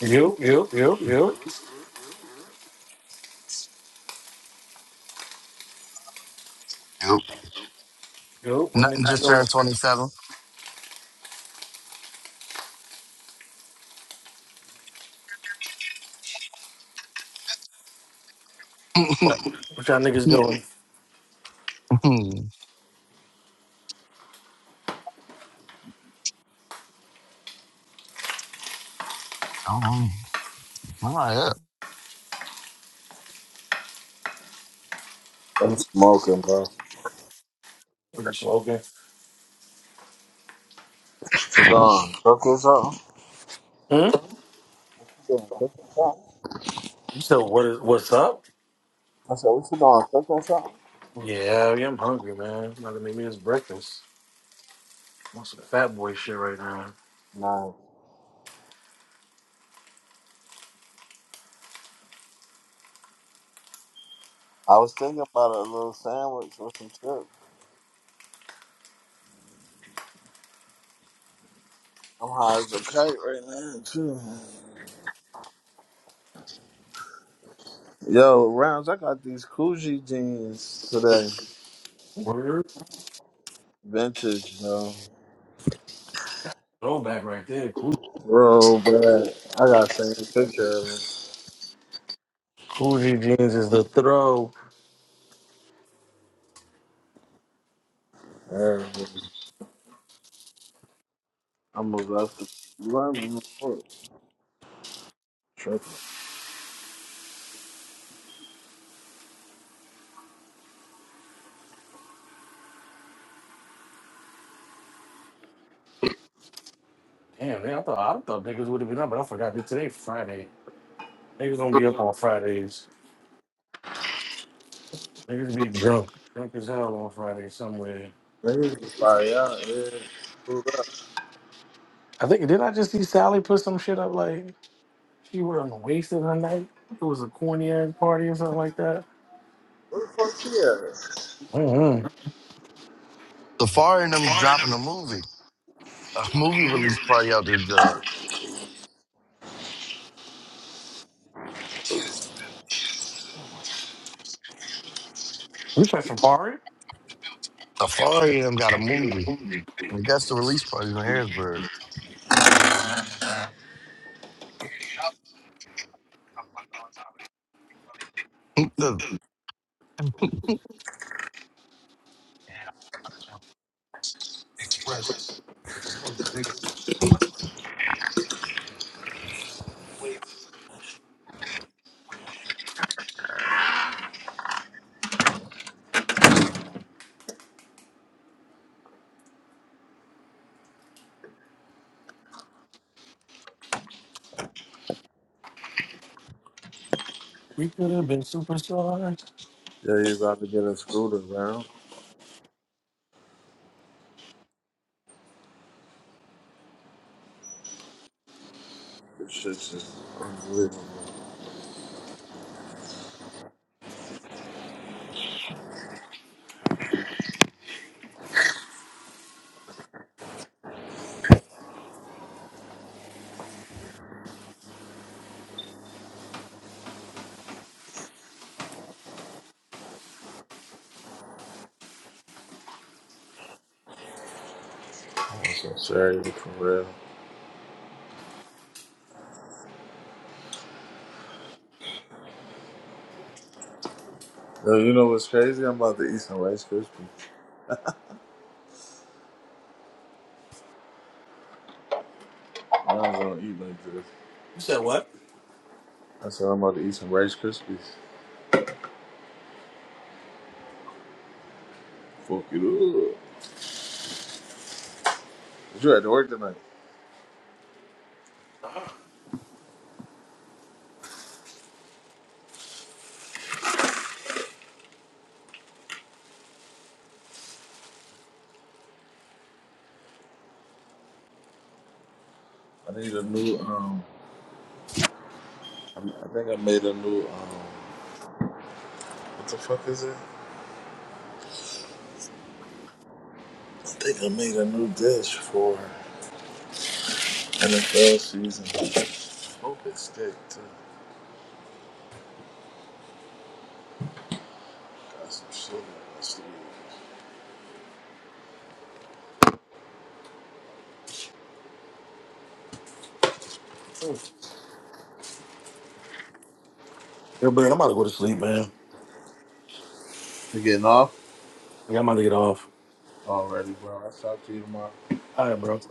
You, you, you, you, Yep. Nope. you. What Nothing niggas just doing? turned 27. What y'all niggas doing? oh, my up. I'm smoking, bro. Are you smoking? Sedan, cooking something? Hmm? Damn, Cooking something? You said what is what's up? I said, what you doing? Cooking something? Yeah, yeah, I'm hungry, man. I'm about to make me this breakfast. I want some fat boy shit right now. Nice. I was thinking about a little sandwich with some chips. I'm high as a kite right now, too. Yo, Rounds, I got these Coogee jeans today. Word. Vintage, bro. Throwback right there. Cool. Bro, bad. I got the same picture of Coogee jeans is the throw. them. Yeah. I'm gonna have to. You want me to report? Tripping. Damn, man, I thought I thought niggas would have been up, but I forgot that today Friday. Niggas don't be up on Fridays. Niggas be drunk, drunk as hell on Friday somewhere. Niggas just fire out here. Screwed up. I think didn't I just see Sally put some shit up like? She wasn't wasted that night. It was a corny ass party or something like that. Where the fuck she at? Mm-hmm. Safari and them dropping a movie. A movie release party out there, Joe. We said Safari. Safari and them got a movie. And that's the release party in Harrisburg. What the- We could have been superstars. Yeah, you about to get a scooter, round. This shit's unbelievable. I'm so sorry for real. Yo, you know what's crazy? I'm about to eat some Rice Krispies. I was gonna eat like this. You said what? I said I'm about to eat some Rice Krispies. Fuck it up. But you had to work tonight. I need a new. Um, I I think I made a new. Um, what the fuck is it? I think I made a new dish for NFL season. Focus steak too. Got some shit. in my sleeve. Oh, Yo, man, I'm about to go to sleep, man. You getting off Yeah, I'm about to get off. already, bro? I'll talk to you tomorrow. All right, bro.